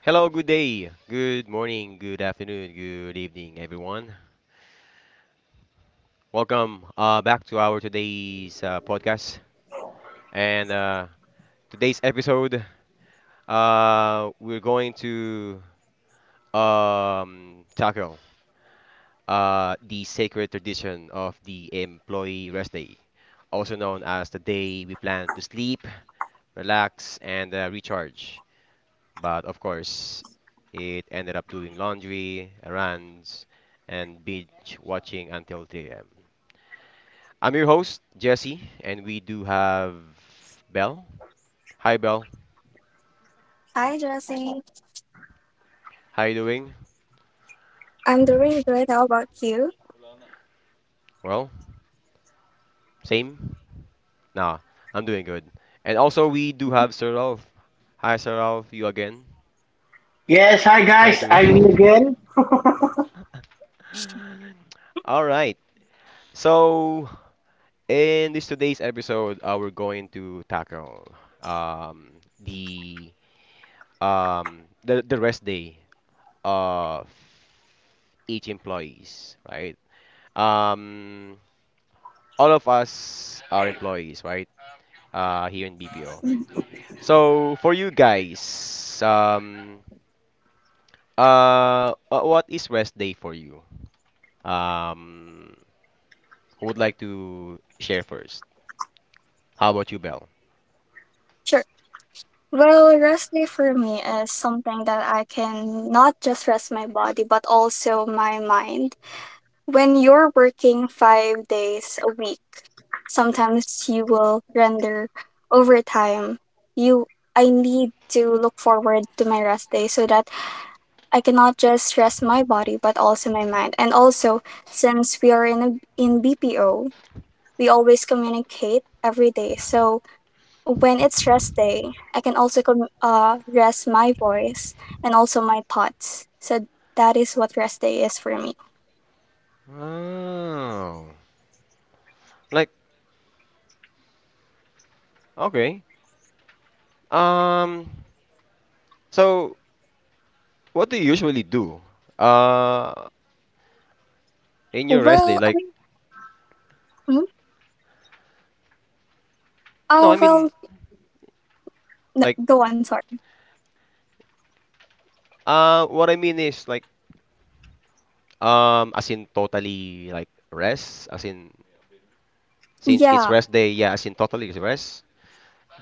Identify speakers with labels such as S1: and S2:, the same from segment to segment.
S1: Hello, good day, good morning, good afternoon, good evening, everyone. Welcome back to our today's podcast. And today's episode, we're going to tackle the sacred tradition of the employee rest day, also known as the day we plan to sleep, relax, and recharge. But of course, it ended up doing laundry, errands, and binge watching until 3 a.m. I'm your host, Jesse, and we do have Belle. Hi, Belle.
S2: Hi, Jesse.
S1: How you doing?
S2: I'm doing good. How about you?
S1: Well, same. Nah, I'm doing good. And also, we do have Sir Ralph. Hi, Sir Ralph. You again?
S3: Yes, hi
S1: How you
S3: guys, I'm me
S1: doing?
S3: again.
S1: All right. So, in this today's episode, we're going to tackle um, the the rest day of each employees, right? Um, all of us are employees, right? Here in BPO.
S2: Mhm.
S1: So for you guys, um, what is rest day for you? Um, who would like to share first? How about you, Belle?
S2: Sure. Well, rest day for me is something that I can not just rest my body, but also my mind. When you're working 5 days a week, sometimes you will render overtime. You, I need to look forward to my rest day so that I cannot just rest my body, but also my mind. And also, since we are in BPO, we always communicate every day. So when it's rest day, I can also rest my voice and also my thoughts. So that is what rest day is for me.
S1: Oh, like okay. Um, so what do you usually do? Uh, in your rest day,
S2: Well, I
S1: like
S2: mean, mm,
S1: no, I
S2: oh
S1: mean
S2: well, no,
S1: like
S2: go on. Sorry.
S1: what I mean is like as in totally like rest, as in since it's
S2: Yeah.
S1: rest day, yeah, as in totally it's rest.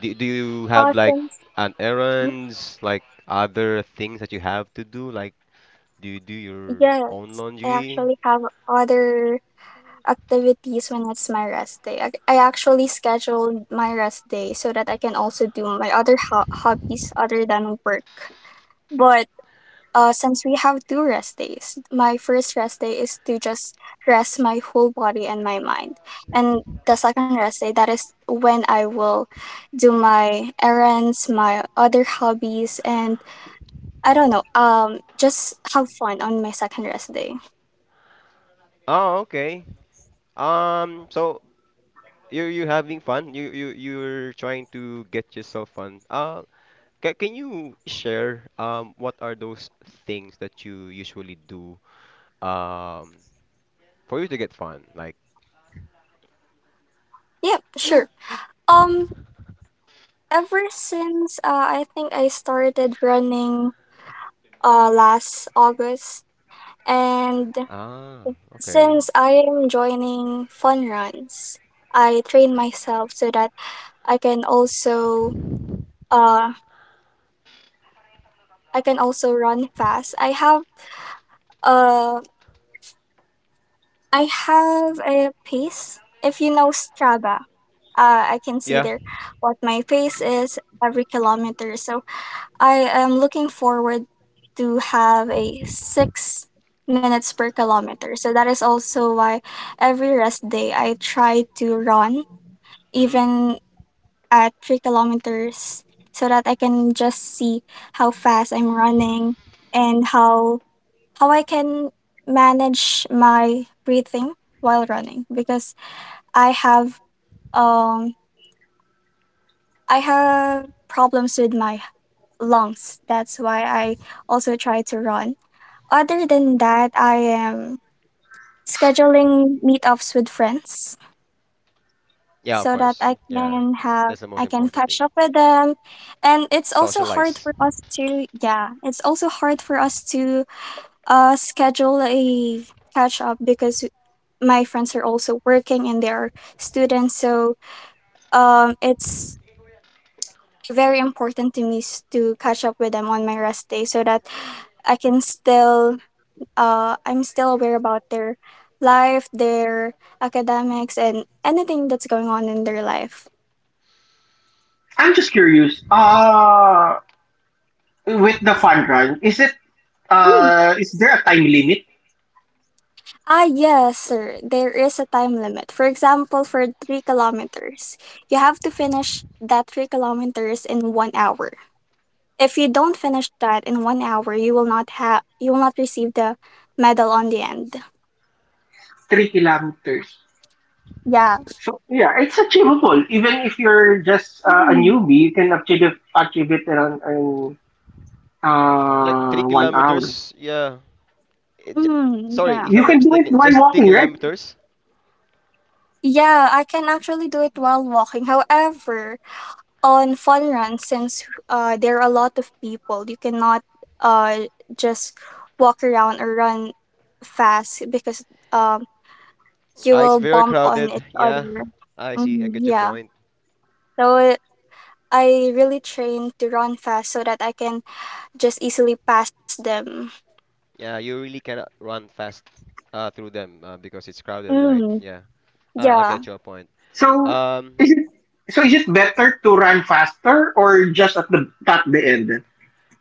S1: Do you
S2: Uh,
S1: have like
S2: since
S1: an
S2: mm,
S1: errands, like other things that you have to do? Like, do you do your own
S2: yes, I
S1: laundry?
S2: actually have other activities when it's my rest day. I actually schedule my rest day so that I can also do my other hobbies other than work. But since we have two rest days. My first rest day is to just rest my whole body and my mind. And the second rest day, that is when I will do my errands, my other hobbies, and I don't know, just have fun on my second rest day.
S1: Oh, okay. So you're having fun. You're trying to get yourself fun. Can you share what are those things that you usually do um for you to get fun? Like,
S2: Yep, sure. Um, ever since I think I started running last August, and
S1: ah, okay.
S2: since I am joining fun runs, I train myself so that I can also uh I can also run fast. Uh I have a pace. If you know Strava, I can see
S1: Yeah.
S2: there what my pace is every kilometer. So I am looking forward to have a 6 minutes per kilometer. So that is also why every rest day I try to run
S1: Mm-hmm.
S2: even at 3 kilometers so that I can just see how fast I'm running and how I can manage my breathing while running because I have um I have problems with my lungs. That's why I also try to run. Other than that, I am scheduling meetups with friends
S1: Yeah, of
S2: so that
S1: course. Yeah. That's the
S2: I
S1: most
S2: can
S1: important
S2: catch
S1: thing.
S2: up with them. And it's also hard
S1: Socialize.
S2: for us to yeah, it's also hard for us to schedule a catch up because my friends are also working and they are students, so it's very important to me to catch up with them on my rest day so that I can still I'm still aware about their life, their academics and anything that's going on in their life.
S3: I'm just curious. With the fun run, is it
S2: Mm.
S3: is there a time limit?
S2: Ah, yes, sir. There is a time limit. For example, for 3 kilometers, you have to finish that 3 kilometers in 1 hour. If you don't finish that in 1 hour, you will not receive the medal on the end.
S3: 3 kilometers.
S2: Yeah.
S3: So yeah, it's achievable. Even if you're just a
S2: Hmm.
S3: newbie, you can achieve it around in
S1: Like three
S3: 1 hour.
S1: kilometers, yeah. It j-
S2: Hmm.
S1: Sorry
S2: Yeah.
S1: if
S3: You
S1: I'm not
S3: can do it
S1: mistaken,
S3: while
S1: just three
S3: walking, right?
S1: kilometers.
S2: Yeah, I can actually do it while walking. However, on fun runs, since there are a lot of people, you cannot uh just walk around or run fast because um you
S1: Ah, it's
S2: will
S1: very
S2: bump on
S1: crowded.
S2: each
S1: Yeah,
S2: other.
S1: I see. I
S2: Hmm,
S1: get your
S2: yeah.
S1: point.
S2: So I really train to run fast so that I can just easily pass them.
S1: Yeah, you really cannot run fast through them because it's crowded, right?
S2: Mm,
S1: Yeah, I
S2: yeah.
S1: get your point.
S3: So
S1: Um,
S3: is it is it better to run faster or just at the end?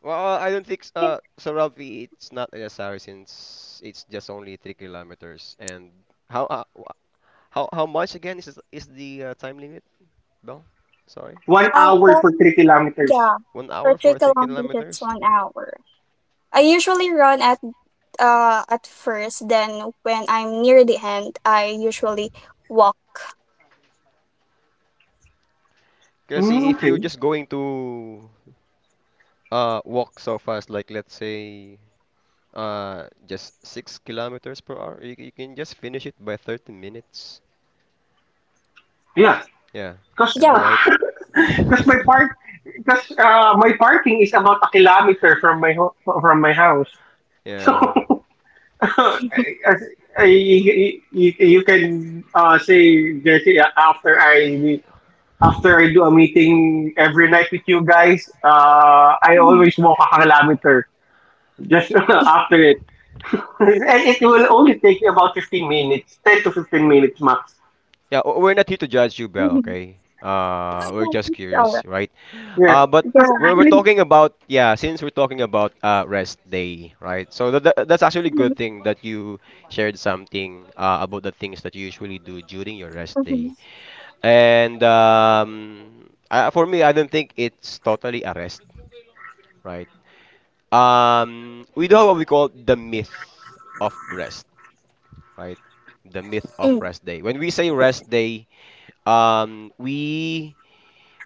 S1: well, I don't think s-
S2: Yeah.
S1: so, Ravi. It's not necessary since it's just only 3 kilometers. And how how much again is the time limit, Bell? Sorry,
S3: One hour
S2: For
S3: for 3 kilometers.
S2: yeah,
S1: one
S2: for
S1: hour
S2: three
S1: for three
S2: kilometers, it's
S1: kilometers.
S2: 1 hour. I usually run at first. Then when I'm near the end, I usually walk.
S1: Because
S3: Mm,
S1: if
S3: okay.
S1: you're just going to walk so fast, like let's say just 6 kilometers per hour, you can just finish it by 30 minutes.
S3: Yeah.
S1: Yeah,
S3: Cause,
S1: am I
S2: Yeah.
S1: right?
S3: Cause my park, cause my parking is about a kilometer from my house. So
S1: Yeah.
S3: I, I, you can say Jesse. After I do a meeting every night with you guys, I
S2: Mhm.
S3: always walk a kilometer just after it, and it will only take you about 15 minutes, 10 to 15 minutes max.
S1: Yeah, we're not here to judge you, Belle,
S2: Mhm.
S1: okay?
S2: Oh,
S1: We're
S2: yeah,
S1: just
S2: it's all right.
S1: curious, right?
S3: Yes,
S1: But
S3: because
S2: Yeah.
S1: we're
S3: actually,
S1: talking about, yeah, since we're talking about rest day, right? So that's actually a
S2: Mhm.
S1: good thing that you shared something about the things that you usually do during your rest day.
S2: Mhm.
S1: And for me, I don't think it's totally a rest, right? We do have what we call the myth of rest, right? The myth of
S2: Mm.
S1: rest day. When we say rest day, we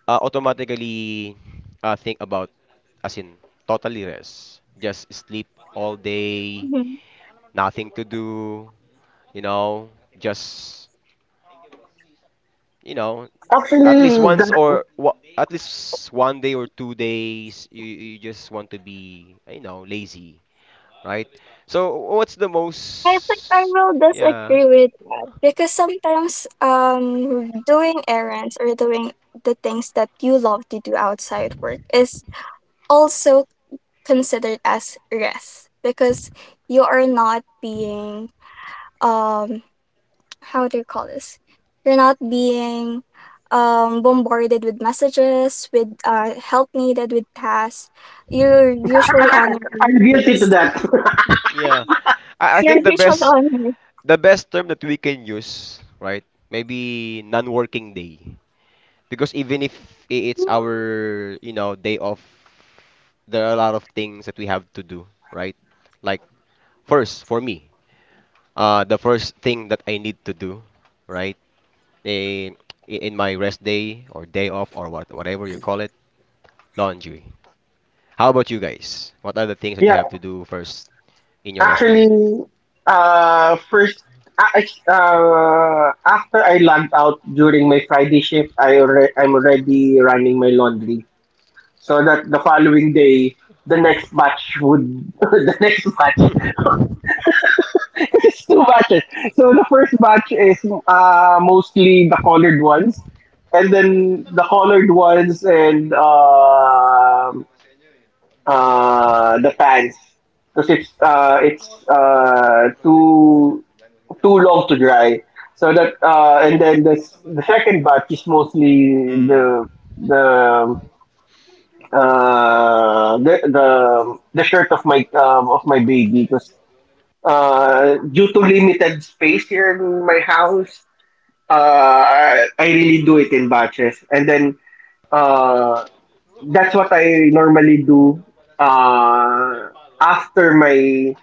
S1: automatically think about, as in, totally rest. Just sleep all day,
S2: Mhm.
S1: nothing to do, you know, just, you know, at least
S3: actually that,
S1: at least 1 day or 2 days, you just want to be, you know, lazy, right? So what's the
S2: I think I
S1: most?
S2: will disagree
S1: Yeah,
S2: with that because sometimes doing errands or doing the things that you love to do outside work is also considered as rest because you are not being um how do you call this? You're not being bombarded with messages, with help needed with tasks. You're usually on your own
S3: I'm guilty to
S2: pace.
S3: that.
S1: yeah. I
S2: You're
S1: think the
S2: usually
S1: best
S2: on your
S1: the best term that we can use, right? Maybe non-working day, because even if it's our, you know, day off, there are a lot of things that we have to do, right? Like first, for me, the first thing that I need to do, right? in in my rest day or day off or whatever you call it, laundry. How about you guys? What are the things that you
S3: Yeah,
S1: have to do first in your rest day?
S3: actually, first, after I logged out during my Friday shift, I'm already running my laundry so that the following day, the next batch would, the next batch, it's two batches. So the first batch is mostly the colored ones, and then the colored ones and the fans because it's too long to dry. So that and then the second batch is mostly
S1: Mm.
S3: the uh, the the the shirt of my, of my baby because due to limited space here in my house, I really do it in batches and then. Uh, that's what I normally do uh, after my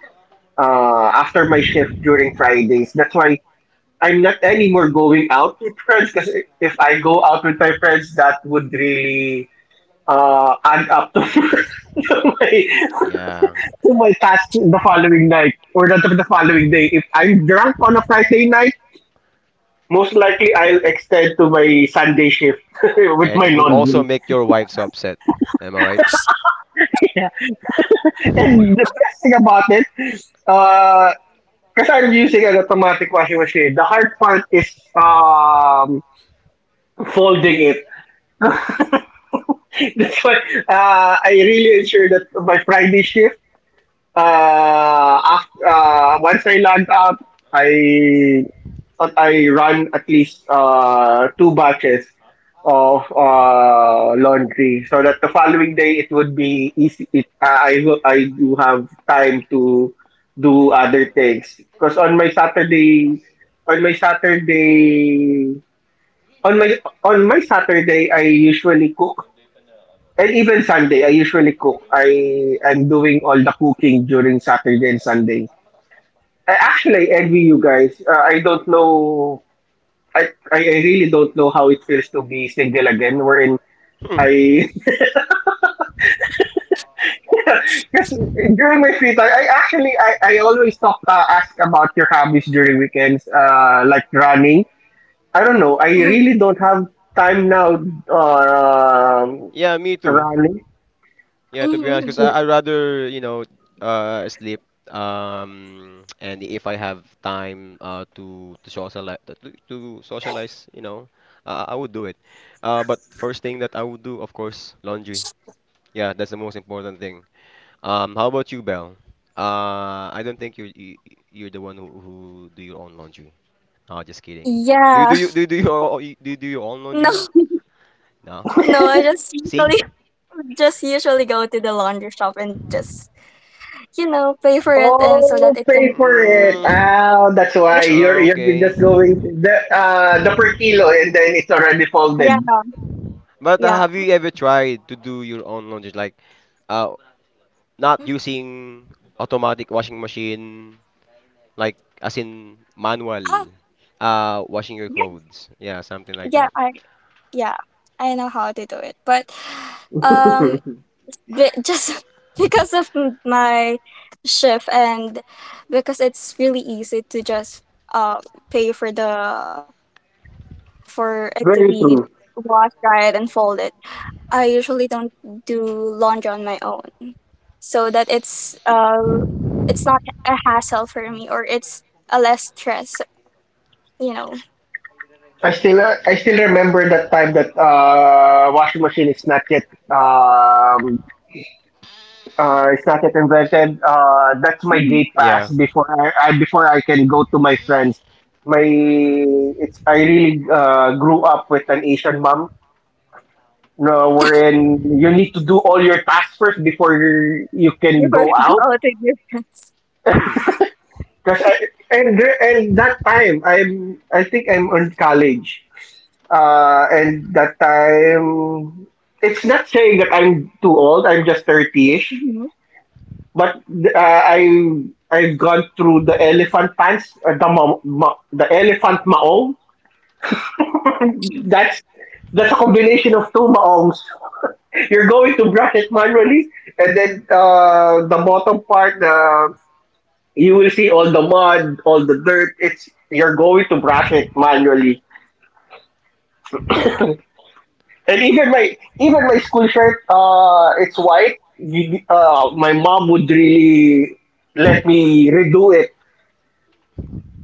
S3: after my shift during Fridays. That's why I'm not anymore going out with friends because if I go out with my friends, that would really add up to, to
S1: Yeah,
S3: my task the following night or the following day. If I'm drunk on a Friday night, most likely I'll extend to my Sunday shift with
S1: and
S3: my
S1: it would also
S3: laundry.
S1: make your wife so upset. Am I right?
S3: And the best thing about it, uh, because I'm using an automatic washing machine. The hard part is um, folding it. That's why I really ensure that my Friday shift, after, once I log out, I I run at least two batches of laundry so that the following day it would be easy. It, I do have time to do other things because on my Saturday, on my Saturday, on my on my Saturday I usually cook. And even Sunday, I usually cook. I am doing all the cooking during Saturday and Sunday. Actually, I envy you guys. I don't know. I really don't know how it feels to be single again. Wherein I, because during my free time, I always talk ask about your hobbies during weekends. Like running. I don't know. I
S2: Mhm,
S3: really don't have time now. Uh,
S1: Yeah, me too.
S3: Running.
S1: Yeah, to be honest,
S2: mhm.
S1: because I rather you know sleep and if I have time to to socialize you know I would do it. But first thing that I would do, of course, laundry. Yeah, that's the most important thing. How about you, Belle? I don't think you're the one who do your own laundry. No, just kidding.
S2: Yeah,
S1: Do you do your own
S2: no,
S1: laundry? No.
S2: no, I just
S1: See?
S2: usually just usually go to the laundry shop and just, pay for it and so that
S3: Oh,
S2: it can
S3: pay for
S2: be
S3: it.
S1: Mm,
S3: Oh, that's
S2: yeah,
S3: why you're
S1: okay.
S3: just going the the per kilo and then it's already
S2: yeah,
S3: folded.
S1: But
S2: yeah.
S1: have you ever tried to do your own laundry, like uh, not using automatic washing machine, like as in
S2: Ah,
S1: manual, washing your
S2: yeah,
S1: clothes? Yeah, something like
S2: yeah,
S1: that.
S2: I, yeah, I know how to do it. But um just because of my shift and because it's really easy to just uh pay for it to be
S3: Very true.
S2: washed, dried and folded. I usually don't do laundry on my own. So that it's not a hassle for me or it's a less stress, you know,
S3: I still remember that time that washing machine is not yet it's not yet invented. That's my
S2: Mhm.
S3: gate
S1: Yeah.
S3: pass before I can go to my friends. My it's I really grew up with an Asian mom. No, wherein you need to do all your tasks first before you can
S2: Before
S3: go
S2: you go
S3: out.
S2: out with your friends.
S1: Hmm.
S3: Cause I, and that time I think I'm in college. And that time, it's not saying that I'm too old. I'm just 30-ish.
S2: Hmm.
S3: But I I've gone through the elephant pants, the elephant maong. that's that's a combination of two maongs. You're going to brush it manually, and then the bottom part, you will see all the mud, all the dirt. It's You're going to brush it manually. And even my school shirt, it's white. My mom would really let me redo it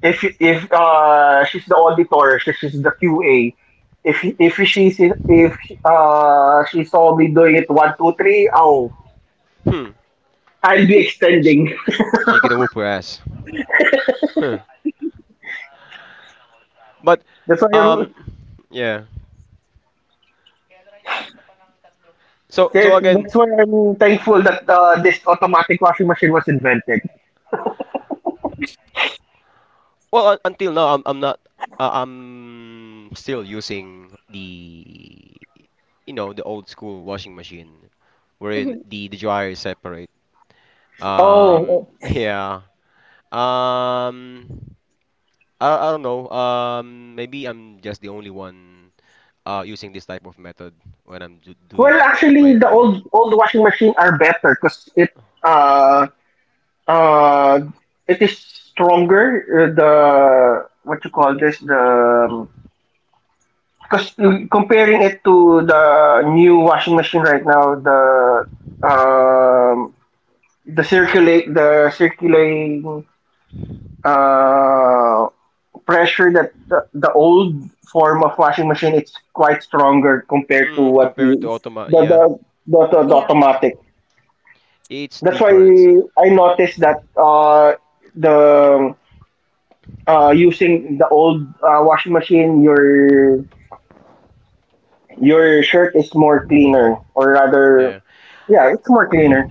S3: if she's the auditor, she's the QA. If if she saw me doing it 1 2 3, oh,
S1: Hmm.
S3: I'll be extending.
S1: She gonna whoop her ass. Huh. But
S3: That's why I'm
S1: um, yeah. So so
S3: that-
S1: again,
S3: that's why I'm
S1: mm,
S3: thankful that this automatic washing machine was invented.
S1: well until now I'm not I'm still using the you know the old school washing machine wherein
S2: Hmm.
S1: the dryer is separate.
S3: Oh,
S1: Yeah. Um I don't know. Maybe I'm just the only one using this type of method when I'm do
S3: well,
S1: doing my
S3: actually, the old
S1: own
S3: old washing machine are better because it. uh Uh, it is stronger. The what you call this? The because comparing it to the new washing machine right now, um, the circulate the circulating uh, pressure that the old form of washing machine it's quite stronger compared to
S1: mm,
S3: what
S1: compared to
S3: we
S1: automa
S3: the
S1: yeah
S3: the, the
S2: Yeah,
S3: automatic.
S1: it's
S3: That's why
S1: different.
S3: I
S1: Mm.
S3: noticed that the using the old washing machine, your shirt is more cleaner, or rather,
S1: Yeah.
S3: yeah, it's more cleaner.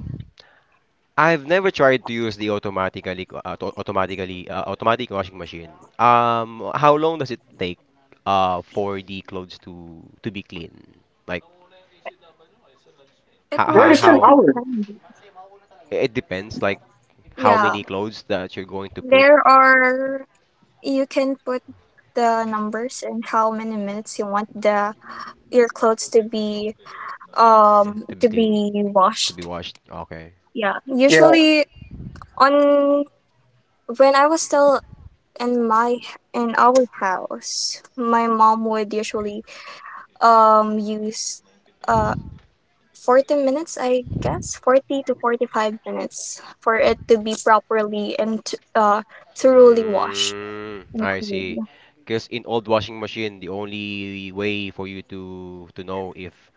S1: I've never tried to use the automatically automatically automatic washing machine. How long does it take for the clothes to be clean? Like
S2: it will
S3: Well, it's
S2: usually
S3: an
S1: how
S3: hour.
S2: depend.
S1: it depends like how
S2: Yeah,
S1: many clothes that you're going to put
S2: there are you can put the numbers and how many minutes you want the your clothes to be
S1: yeah,
S2: um
S1: to be
S2: to
S1: clean,
S2: be
S1: to be
S2: washed.
S1: washed. Okay.
S2: Yeah.
S3: Yeah,
S2: Usually on when I was still in our house, my mom would usually use uh 40 minutes I guess 40 to 45 minutes for it to be properly and thoroughly washed
S1: Mm,
S2: and
S1: I see.
S2: clean.
S1: Because in old washing machine, the only way for you to know if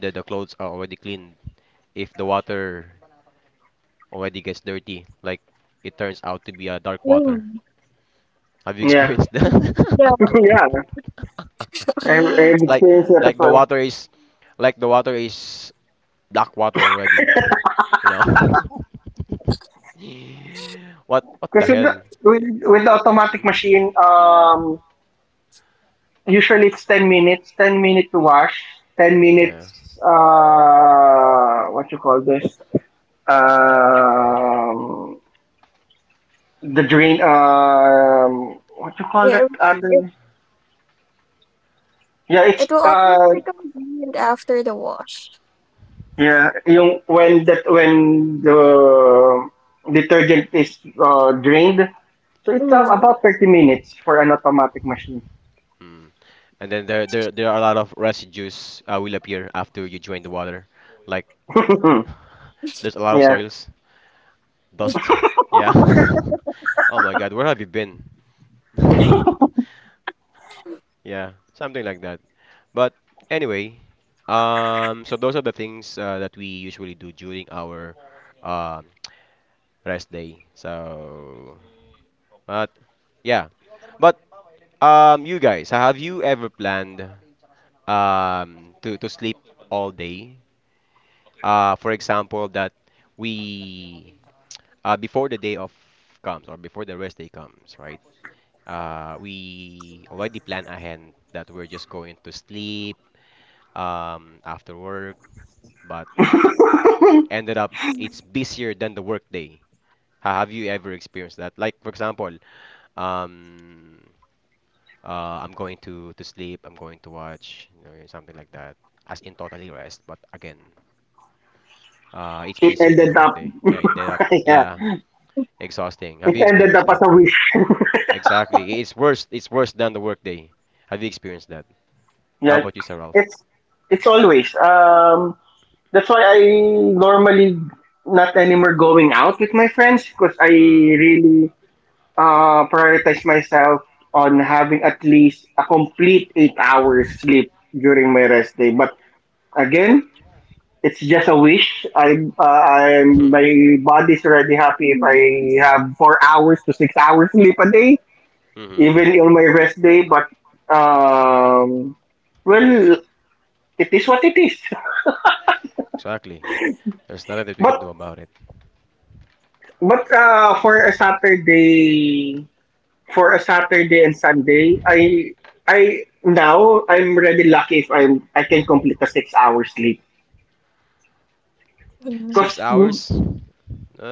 S1: the clothes are already clean, if the water already gets dirty. Like it turns out to be a dark water.
S2: Mhm.
S1: Have you
S3: yeah,
S1: experienced that?
S3: yeah. I've, I've
S1: like
S3: experienced that as
S1: like the
S3: well.
S1: water is like the water is black water already. You know? What the
S3: Because with
S1: hell?
S3: the,
S1: Yeah.
S3: with the automatic machine,
S1: Mm,
S3: usually it's 10 minutes, 10 minutes to wash, ten
S1: yeah.
S3: minutes. What you call this? Um, the drain. What you call that
S2: Yeah, it
S3: other? Yeah,
S2: It
S3: it's
S2: will always be convenient after the wash.
S3: Yeah, yung when that when the detergent is drained, so it's
S2: Mm.
S3: about 30 minutes for an automatic machine.
S1: Mm. And then there are a lot of residues will appear after you drain the water. Like there's a lot of
S3: Yeah,
S1: soils, dust. Yeah. Oh my God, where have you been? Yeah, something like that. But anyway, so those are the things that we usually do during our um rest day. So, but yeah, but you guys, have you ever planned to sleep all day? For example, that we before the day of comes or before the rest day comes, right? We already plan ahead that we're just going to sleep after work but ended up it's busier than the workday. Have you ever experienced that? Like for example, um, I'm going to sleep, I'm going to watch, you know, something like that, as in totally rest. But again, it's
S3: it
S1: busier than the
S3: ended up,
S1: workday. Yeah, ended up,
S3: yeah,
S1: yeah, exhausting. Have
S3: it
S1: you
S3: ended
S1: experienced
S3: up as
S1: that?
S3: a wish.
S1: Exactly, it's worse. It's worse than the workday. Have you experienced that? How
S3: Yeah,
S1: about you, Sir Ralph?
S3: it's it's always that's why I normally not anymore going out with my friends because I
S1: Hmm.
S3: really prioritize myself on having at least a complete 8 hours sleep during my rest day. But again, it's just a wish.
S1: Hmm.
S3: My body's already happy if
S2: Mhm.
S3: I have 4 hours to 6 hours sleep a day,
S1: Mm-hmm.
S3: even on my rest day. But um, well, it is what it is.
S1: Exactly. There's nothing that we can do
S3: But
S1: about it.
S3: but uh, for a Saturday, for a Saturday and Sunday, I now I'm already lucky if I can complete a 6 hour sleep.
S2: Mm.
S1: Six
S3: Cause mm,
S1: hours.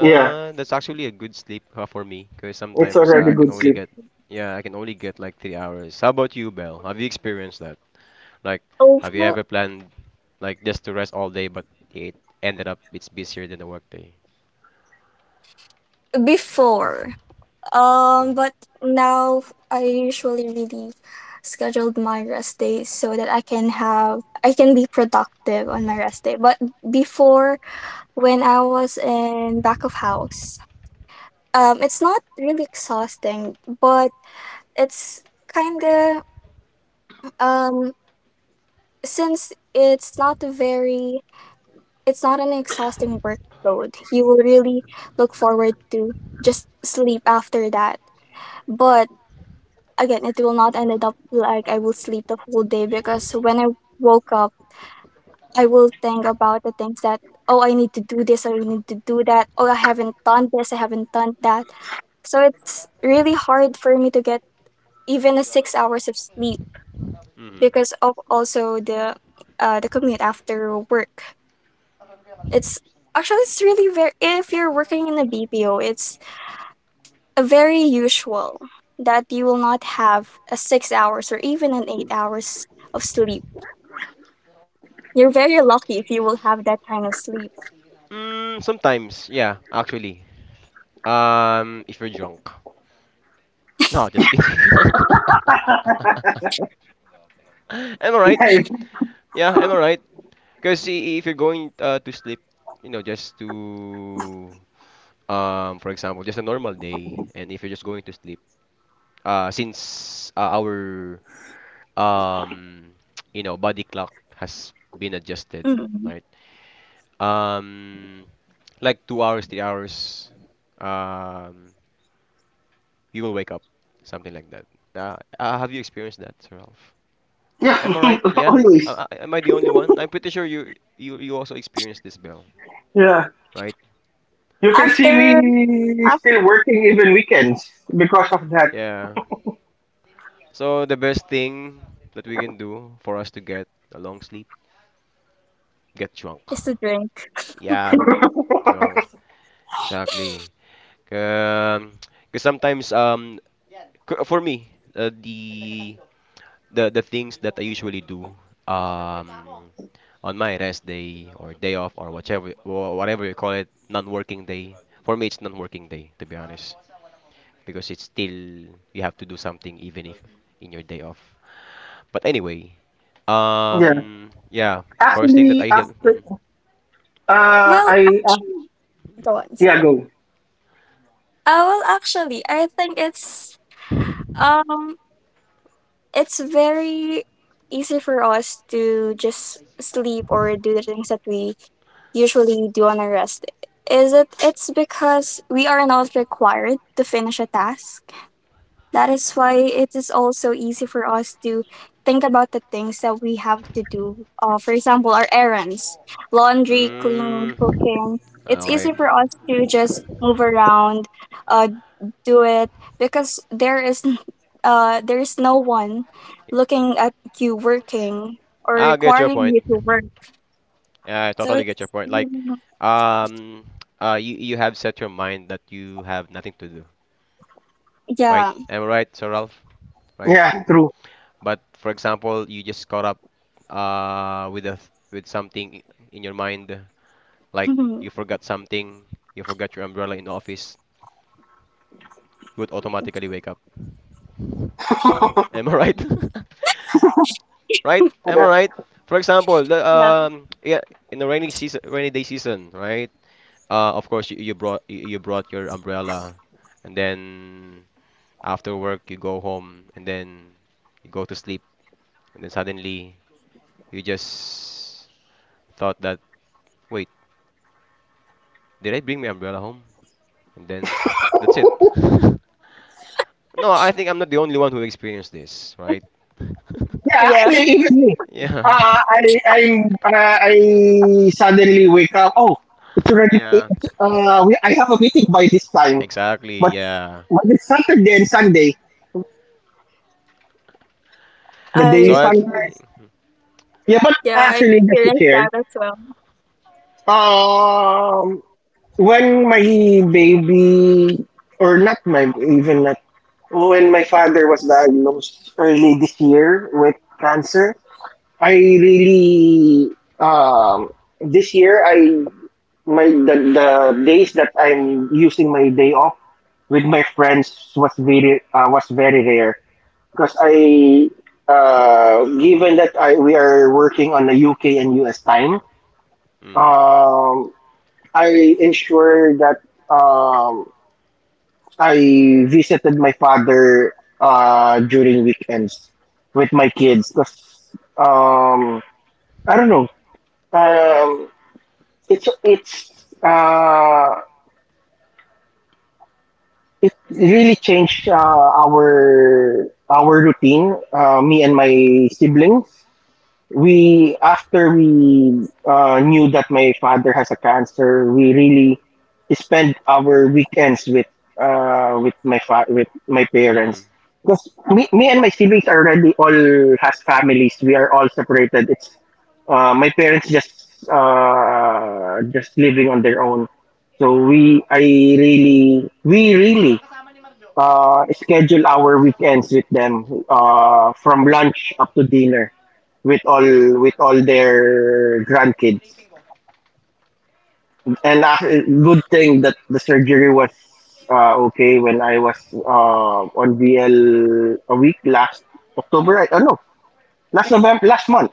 S3: yeah,
S1: That's actually a good sleep for me because
S3: it's
S1: sometimes
S3: already
S1: I can
S3: good
S2: Mhm.
S1: only
S3: sleep.
S1: get yeah I can only get like 3 hours. How about you, Belle? Have you experienced that? Like, have you
S2: Over
S1: ever planned like just to rest all day, but it ended up it's busier than the workday?
S2: before.
S1: No.
S2: But now I usually really scheduled my rest days so that I can be productive on my rest day. But before when I was in back of house, it's not really exhausting, but it's kind of um since it's not an exhausting workload. You will really look forward to just sleep after that. But again, it will not end up like I will sleep the whole day because when I woke up, I will think about the things that, oh, I need to do this or I need to do that. Oh, I haven't done this, I haven't done that. So it's really hard for me to get even a 6 hours of sleep
S1: Mm-hmm.
S2: because of also the commute after work. It's actually, it's really very, if you're working in a BPO, it's a very usual that you will not have a 6 hours or even an 8 hours of sleep. You're very lucky if you will have that kind of sleep.
S1: Mm, sometimes, yeah, actually. If you're drunk. No, just kidding. I'm alright. Yeah, I'm alright. Because if you're going to sleep, you know, just to for example just a normal day and if you're just going to sleep since our um you know body clock has been adjusted
S2: Mm.
S1: right um like 2 hours 3 hours um you will wake up something like that have you experienced that sir Ralph
S3: Yeah,
S1: am I
S3: yeah,
S1: right yeah
S3: always.
S1: I, am I the only one I'm pretty sure you also experienced this Bell
S3: Yeah.
S1: right
S3: You can see
S2: After
S3: me
S2: after
S3: still working even weekends because of that.
S1: yeah so the best thing that we can do for us to get a long sleep get drunk.
S2: is to drink.
S1: Yeah, get drunk. Exactly. Because sometimes, for me, uh, the the things that I usually do, um, on my rest day or day off or whatever you call it, non-working day. For me, it's non-working day, to be honest, because it's still you have to do something even if in your day off. But anyway,
S3: Yeah.
S1: yeah. First thing that
S3: Actually,
S1: I have.
S3: after
S1: Mm,
S2: Well,
S1: mm,
S3: I
S2: actually, go on, sir.
S3: yeah go
S2: Well, actually, I think um It's very easy for us to just sleep or do the things that we usually do on our rest. Is it it's because we are not required to finish a task. That is why it is also easy for us to think about the things that we have to do. For example, our errands, laundry, cleaning,
S1: mm,
S2: cooking. It's
S1: okay,
S2: easy for us to just move around, uh, do it because there is there is no one looking at you working or
S1: I get your
S2: requiring you
S1: point.
S2: to work.
S1: Yeah, I
S2: So
S1: totally get your
S2: it's
S1: point. Like,
S2: Mhm.
S1: um, you you have set your mind that you have nothing to do, right?
S2: Yeah.
S1: Am I right, Sir Ralph? Right?
S3: yeah true
S1: But for example, you just caught up, with a with something in your mind, like
S2: Mhm.
S1: you forgot something, you forgot your umbrella in the office, you would automatically wake up. Am I right? Right? Am I
S3: yeah,
S1: right? For example, the
S2: Yeah.
S1: yeah, in the rainy season, rainy day season, right? Of course, you, you brought your umbrella, and then after work you go home, and then you go to sleep, and then suddenly you just thought that, wait, did I bring my umbrella home? And then that's it. No, I think I'm not the only one who experienced this, right?
S3: yeah
S2: Yeah.
S3: actually even me
S1: Yeah,
S3: I suddenly wake up, oh it's already
S1: yeah,
S3: eight, we I have a meeting by this time
S1: exactly,
S3: but
S1: yeah.
S3: it's Saturday and Sunday the
S1: So
S3: daily
S2: I,
S1: I, th-
S3: Sunday, yeah, but
S2: yeah, I
S3: actually just to
S2: experienced that
S3: share,
S2: as well.
S3: um when my baby or not my even not when my father was diagnosed early this year with cancer, I really um this year I my the days that I'm using my day off with my friends was very rare because I given that I we are working on the UK and US time,
S1: mm,
S3: um I ensure that um I visited my father during weekends with my kids because I don't know. Um, it's it really changed our routine. Me and my siblings. We after we knew that my father has a cancer, we really spend our weekends with my
S1: mm,
S3: parents. Because me and my siblings are already all has families. We are all separated. It's my parents just living on their own. So we really schedule our weekends with them from lunch up to dinner with all their grandkids. And good thing that the surgery was okay when I was on VL a week last October. I oh no, last November, last month.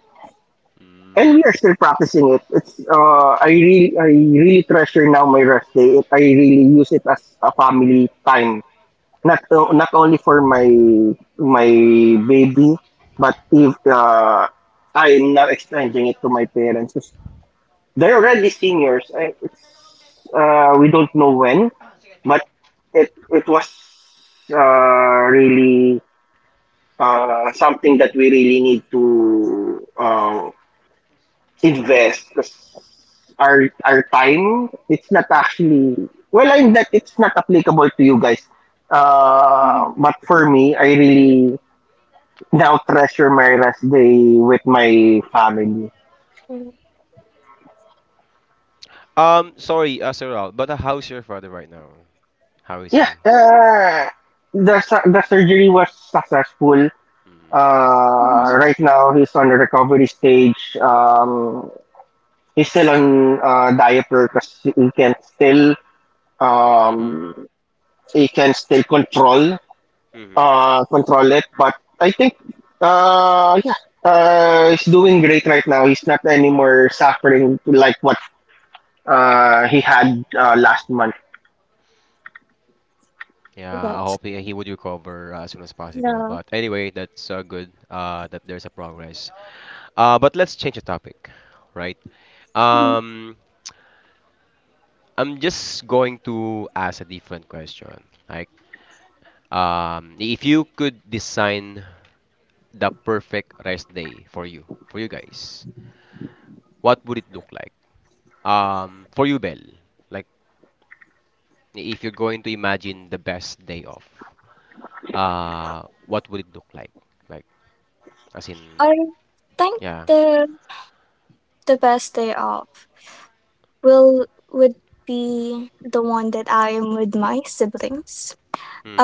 S3: And we
S1: mm.
S3: are still practicing it. It's I really treasure now my rest day. I really use it as a family time not not only for my my baby, but if I'm not extending it to my parents, 'cause they're already seniors. I, it's We don't know when, but it was really something that we really need to invest because our time it's not actually well in that it's not applicable to you guys,
S2: Mhm.
S3: but for me I really now treasure my rest day with my family.
S2: Mhm.
S1: Sorry, Saral, but how's your father right now? How is
S3: Yeah,
S1: he?
S3: the surgery was successful.
S1: Mm, I
S2: Mhm.
S1: see.
S3: Right now he's on the recovery stage. He's still on diaper because
S1: Mm-hmm.
S3: um he can still control
S1: Mm-hmm.
S3: control it. But I think, yeah, he's doing great right now. He's not anymore suffering like what he had last month.
S1: Yeah, I
S2: Yes.
S1: hope he would recover as soon as possible.
S2: Yeah.
S1: But anyway, that's good that there's a progress. But let's change the topic, right?
S2: Mhm.
S1: Um, I'm just going to ask a different question. If you could design the perfect rest day for you guys, what would it look like? For you, Belle, like if you're going to imagine the best day off, what would it look like? Like as in,
S2: I think
S1: yeah.
S2: the best day off will would be the one that I am with my siblings,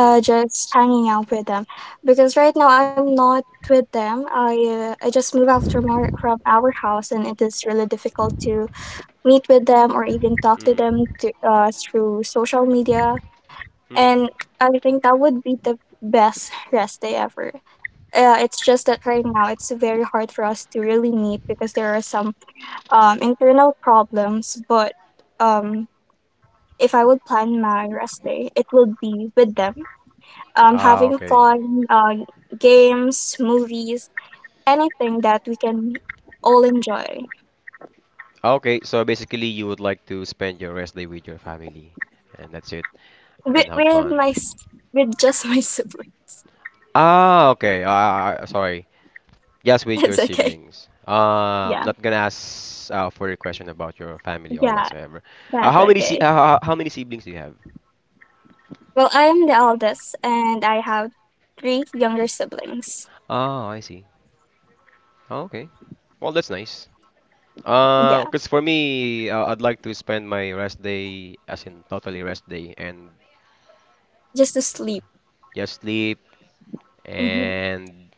S2: just hanging out with them because right now I'm not with them, I just moved out from our house and it is really difficult to meet with them or even talk to
S1: Mm.
S2: them through social media,
S1: Mm-hmm.
S2: and I think that would be the best rest day ever. It's just that right now it's very hard for us to really meet because there are some internal problems, but um if I would plan my rest day it will be with them,
S1: Ah,
S2: having
S1: okay.
S2: fun, games, movies, anything that we can all enjoy
S1: Ah, okay, so basically you would like to spend your rest day with your family and that's it and then have
S2: with
S1: fun.
S2: my s- with just my sibling.
S1: Ah, okay. Sorry. Just with your
S2: It's okay.
S1: siblings.
S2: Yeah,
S1: Not gonna ask for a question about your family or
S2: yeah,
S1: whatsoever.
S2: that's okay.
S1: How many siblings do you have?
S2: Well, I am the eldest, and I have three younger siblings.
S1: Oh, I see. Oh, okay. Well, that's nice.
S2: Yeah,
S1: Because for me, I'd like to spend my rest day as in totally rest day and
S2: just to sleep.
S1: just sleep
S2: Hmm.
S1: and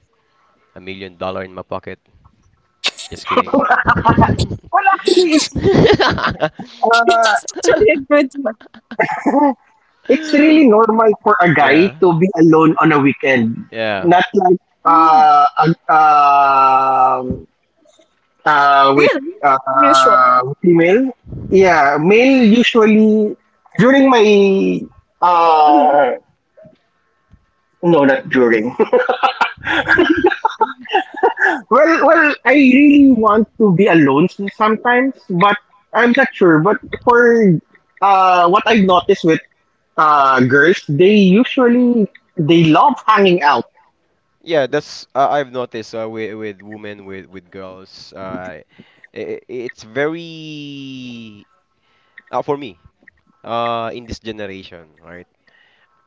S1: a million dollars in my pocket. Just kidding.
S3: Well, actually, uh,
S2: That's actually a good one.
S3: it's really normal for a guy
S1: Yeah,
S3: to be alone on a weekend.
S1: yeah,
S3: Not like
S2: Mm,
S3: uh, uh, um with
S2: really usual.
S3: female. Yeah, male usually during my
S2: Hmm.
S3: uh no not during Well, well, I really want to be alone sometimes, but I'm not sure. But for what I've noticed with girls, they usually they love hanging out.
S1: yeah. That's I've noticed with women with girls. It's very for me. In this generation, right?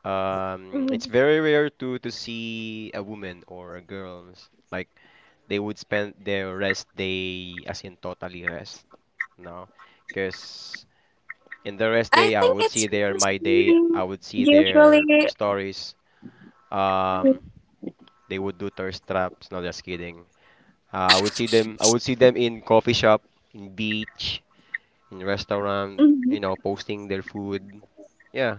S2: Mhm.
S1: It's very rare to see a woman or a girls like they would spend their rest day as in totally rest. No, because in the rest
S2: I
S1: day I
S2: think
S1: would
S2: it's
S1: see their,
S2: because
S1: my day,
S2: you
S1: I would see their
S2: usually.
S1: stories. um they would do thirst traps. No, just kidding. I would see them in coffee shop, in beach, in restaurant,
S2: Mhm.
S1: you know, posting their food, yeah,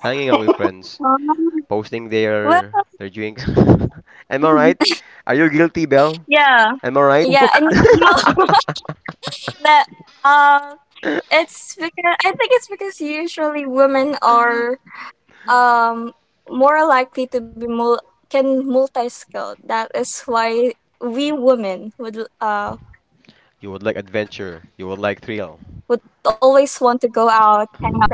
S1: hanging out with friends,
S2: Um,
S1: posting
S2: Well,
S1: their drinks. Am I right? Are you guilty, Belle?
S2: yeah,
S1: Am I right?
S2: yeah, and you know that um, it's because I think it's because usually women are um more likely to be mul- can multi-skilled. That is why we women would
S1: You would
S2: always
S1: like
S2: want to go
S1: adventure. You
S2: out,
S1: would like
S2: hang out with
S1: thrill.
S2: friends. Yeah, I think there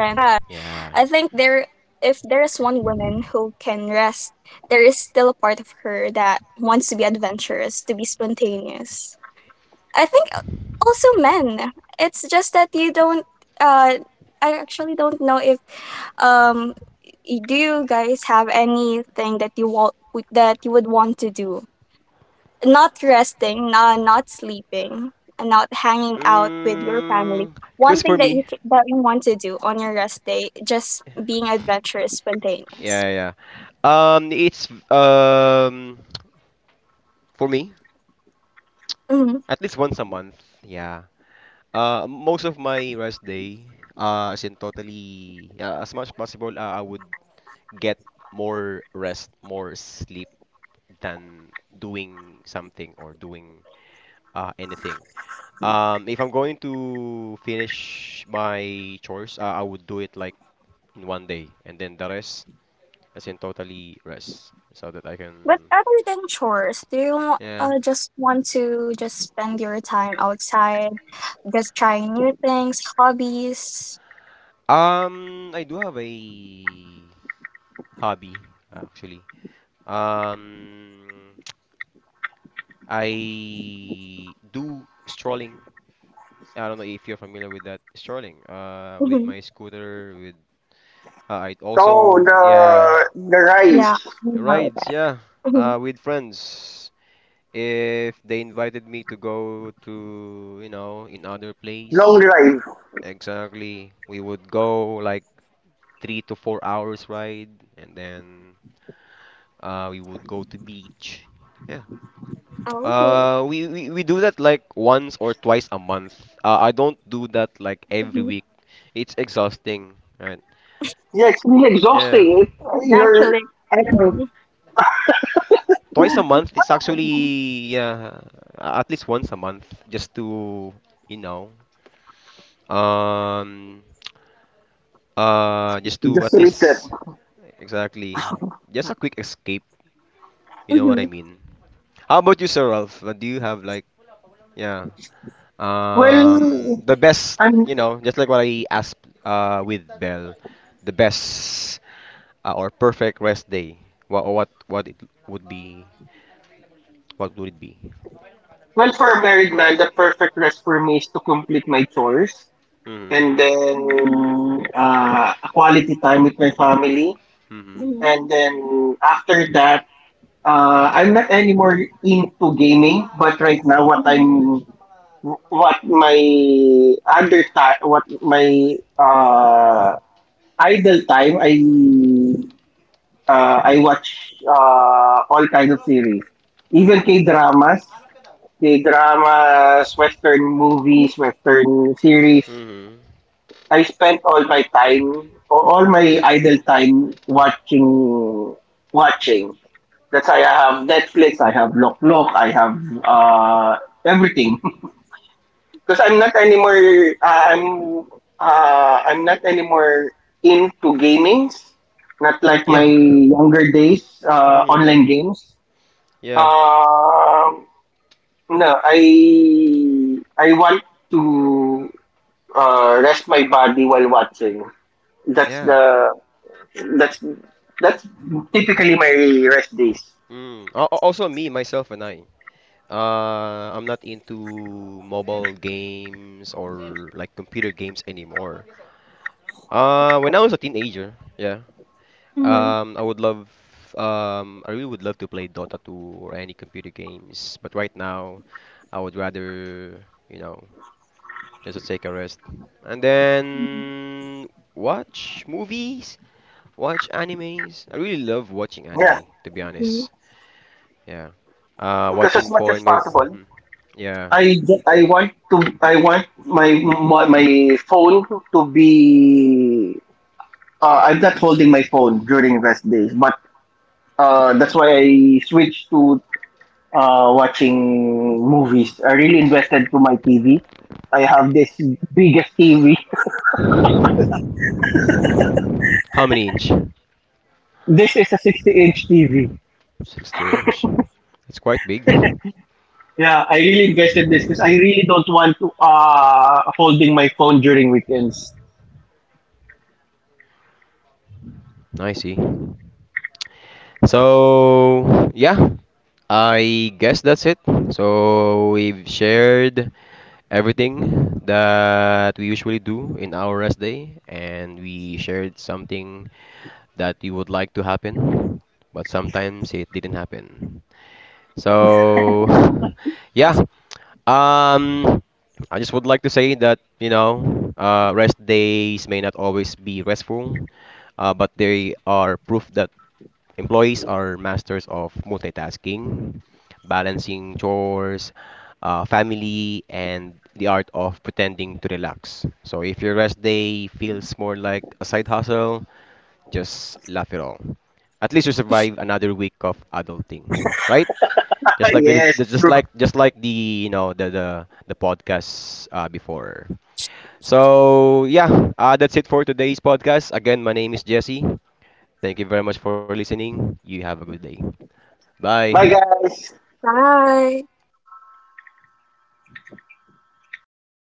S2: if
S1: Yeah.
S2: there is one woman who can rest, there is still a part of her that wants to be adventurous, to be spontaneous. I think also men. It's just that you don't uh I actually don't know if um do you guys have anything that you would want to do? Not resting, not sleeping, and not hanging out with your family.
S1: Mm,
S2: One
S1: cause for
S2: thing that
S1: me,
S2: that you want to do on your rest day, just being adventurous, spontaneous.
S1: yeah, yeah. It's For me,
S2: Mm-hmm.
S1: at least once a month. Yeah. Most of my rest day, as in totally, as much as possible, I would get more rest, more sleep than doing something or doing anything. If I'm going to finish my chores, I would do it like in one day, and then the rest, as in totally rest, so that I
S2: But
S1: can.
S2: other than chores, do you
S1: Yeah.
S2: just want to just spend your time outside, just trying new things, hobbies?
S1: I do have a hobby actually. Um, I do strolling. I don't know if you're familiar with that, strolling. With
S2: Mhm.
S1: my scooter, with I
S3: Oh,
S1: also, yeah,
S3: the drive,
S2: Yeah, I know
S1: rides,
S2: that.
S1: yeah,
S2: Mhm.
S1: with friends. If they invited me to go to, you know, in other
S3: long
S1: place,
S3: drive.
S1: exactly, we would go like 3 to 4 hours ride, and then we would go to beach. Yeah.
S2: Oh,
S1: We do that like once or twice a month. I don't do that like every
S2: mhm.
S1: week. It's exhausting, right?
S3: Yeah, it's really
S1: Yeah.
S3: exhausting.
S2: It's
S3: You're,
S2: actually
S3: I don't know,
S2: exciting.
S1: Twice a
S2: Mhm.
S1: month, it's actually, yeah, at least once a month, just to, you know. Um, just to,
S3: just
S1: at
S3: read.
S1: least, exactly, just a quick escape. You know what I
S2: Mhm.
S1: mean. How about you, Sir Ralph? What do you have like? Yeah.
S3: Well,
S1: The best.
S3: I'm
S1: You know, just like what I asked with Bell, the best or perfect rest day. What it would be? What would it be?
S3: well for a married man. The perfect rest for me is to complete my chores
S1: Mm-hmm.
S3: and
S2: Mhm.
S3: then a quality time with my family.
S1: Mm-hmm.
S2: Mhm.
S3: And then after that, I'm not anymore into gaming, but right now what I'm what my other time what my idle time I watch all kinds of series. Even K dramas, Western movies,
S2: Mhm.
S3: Western series.
S1: Mm-hmm.
S3: I spent all my time, all my idle time watching watching. That's why I have Netflix, I have Lok Lok, I have uh, everything. Because I'm not anymore into gamings. Not like my
S1: Yeah.
S3: younger days,
S1: Mm-hmm.
S3: online games.
S1: Yeah.
S3: uh no, I want to rest my body while watching. That's
S1: Yeah.
S3: that's, that's typically my rest days.
S1: Mm. Also me, myself, and I. I'm not into mobile games or like computer games anymore. When I was a teenager, yeah.
S2: Mhm.
S1: Um, I would love, I really would love to play Dota 2 or any computer games, but right now I would rather, you know, just take a rest. And
S2: Mhm.
S1: then watch movies, watch animes. I really love watching
S3: Yeah,
S1: anime, to be
S2: Mhm.
S1: honest. Yeah.
S3: because as
S1: Watching
S3: much as
S1: foreign,
S3: possible.
S1: yeah.
S3: I I want to I want my, my phone to be I'm not holding my phone during rest days, but that's why I switched to watching movies. I really invested to my TV. I have this biggest TV.
S1: How many inch?
S3: This is a 60-inch TV.
S1: 60 inch. It's quite big.
S3: Yeah, I really invested this because I really don't want to holding my phone during weekends.
S1: I see. So, yeah, I guess that's it. So, we've shared everything that we usually do in our rest day, and we shared something that we would like to happen, but sometimes it didn't happen. So, yeah, Um, I just would like to say that, you know, rest days may not always be restful, but they are proof that employees are masters of multitasking, balancing chores, family, and the art of pretending to relax. So if your rest day feels more like a side hustle, just laugh it all. At least you survive another week of adulting, right?
S3: Yes, true.
S1: Just like the you know, the podcast before. So yeah, that's it for today's podcast. Again, my name is Jesse. Thank you very much for listening. You have a good day. Bye.
S3: Bye guys.
S2: Bye.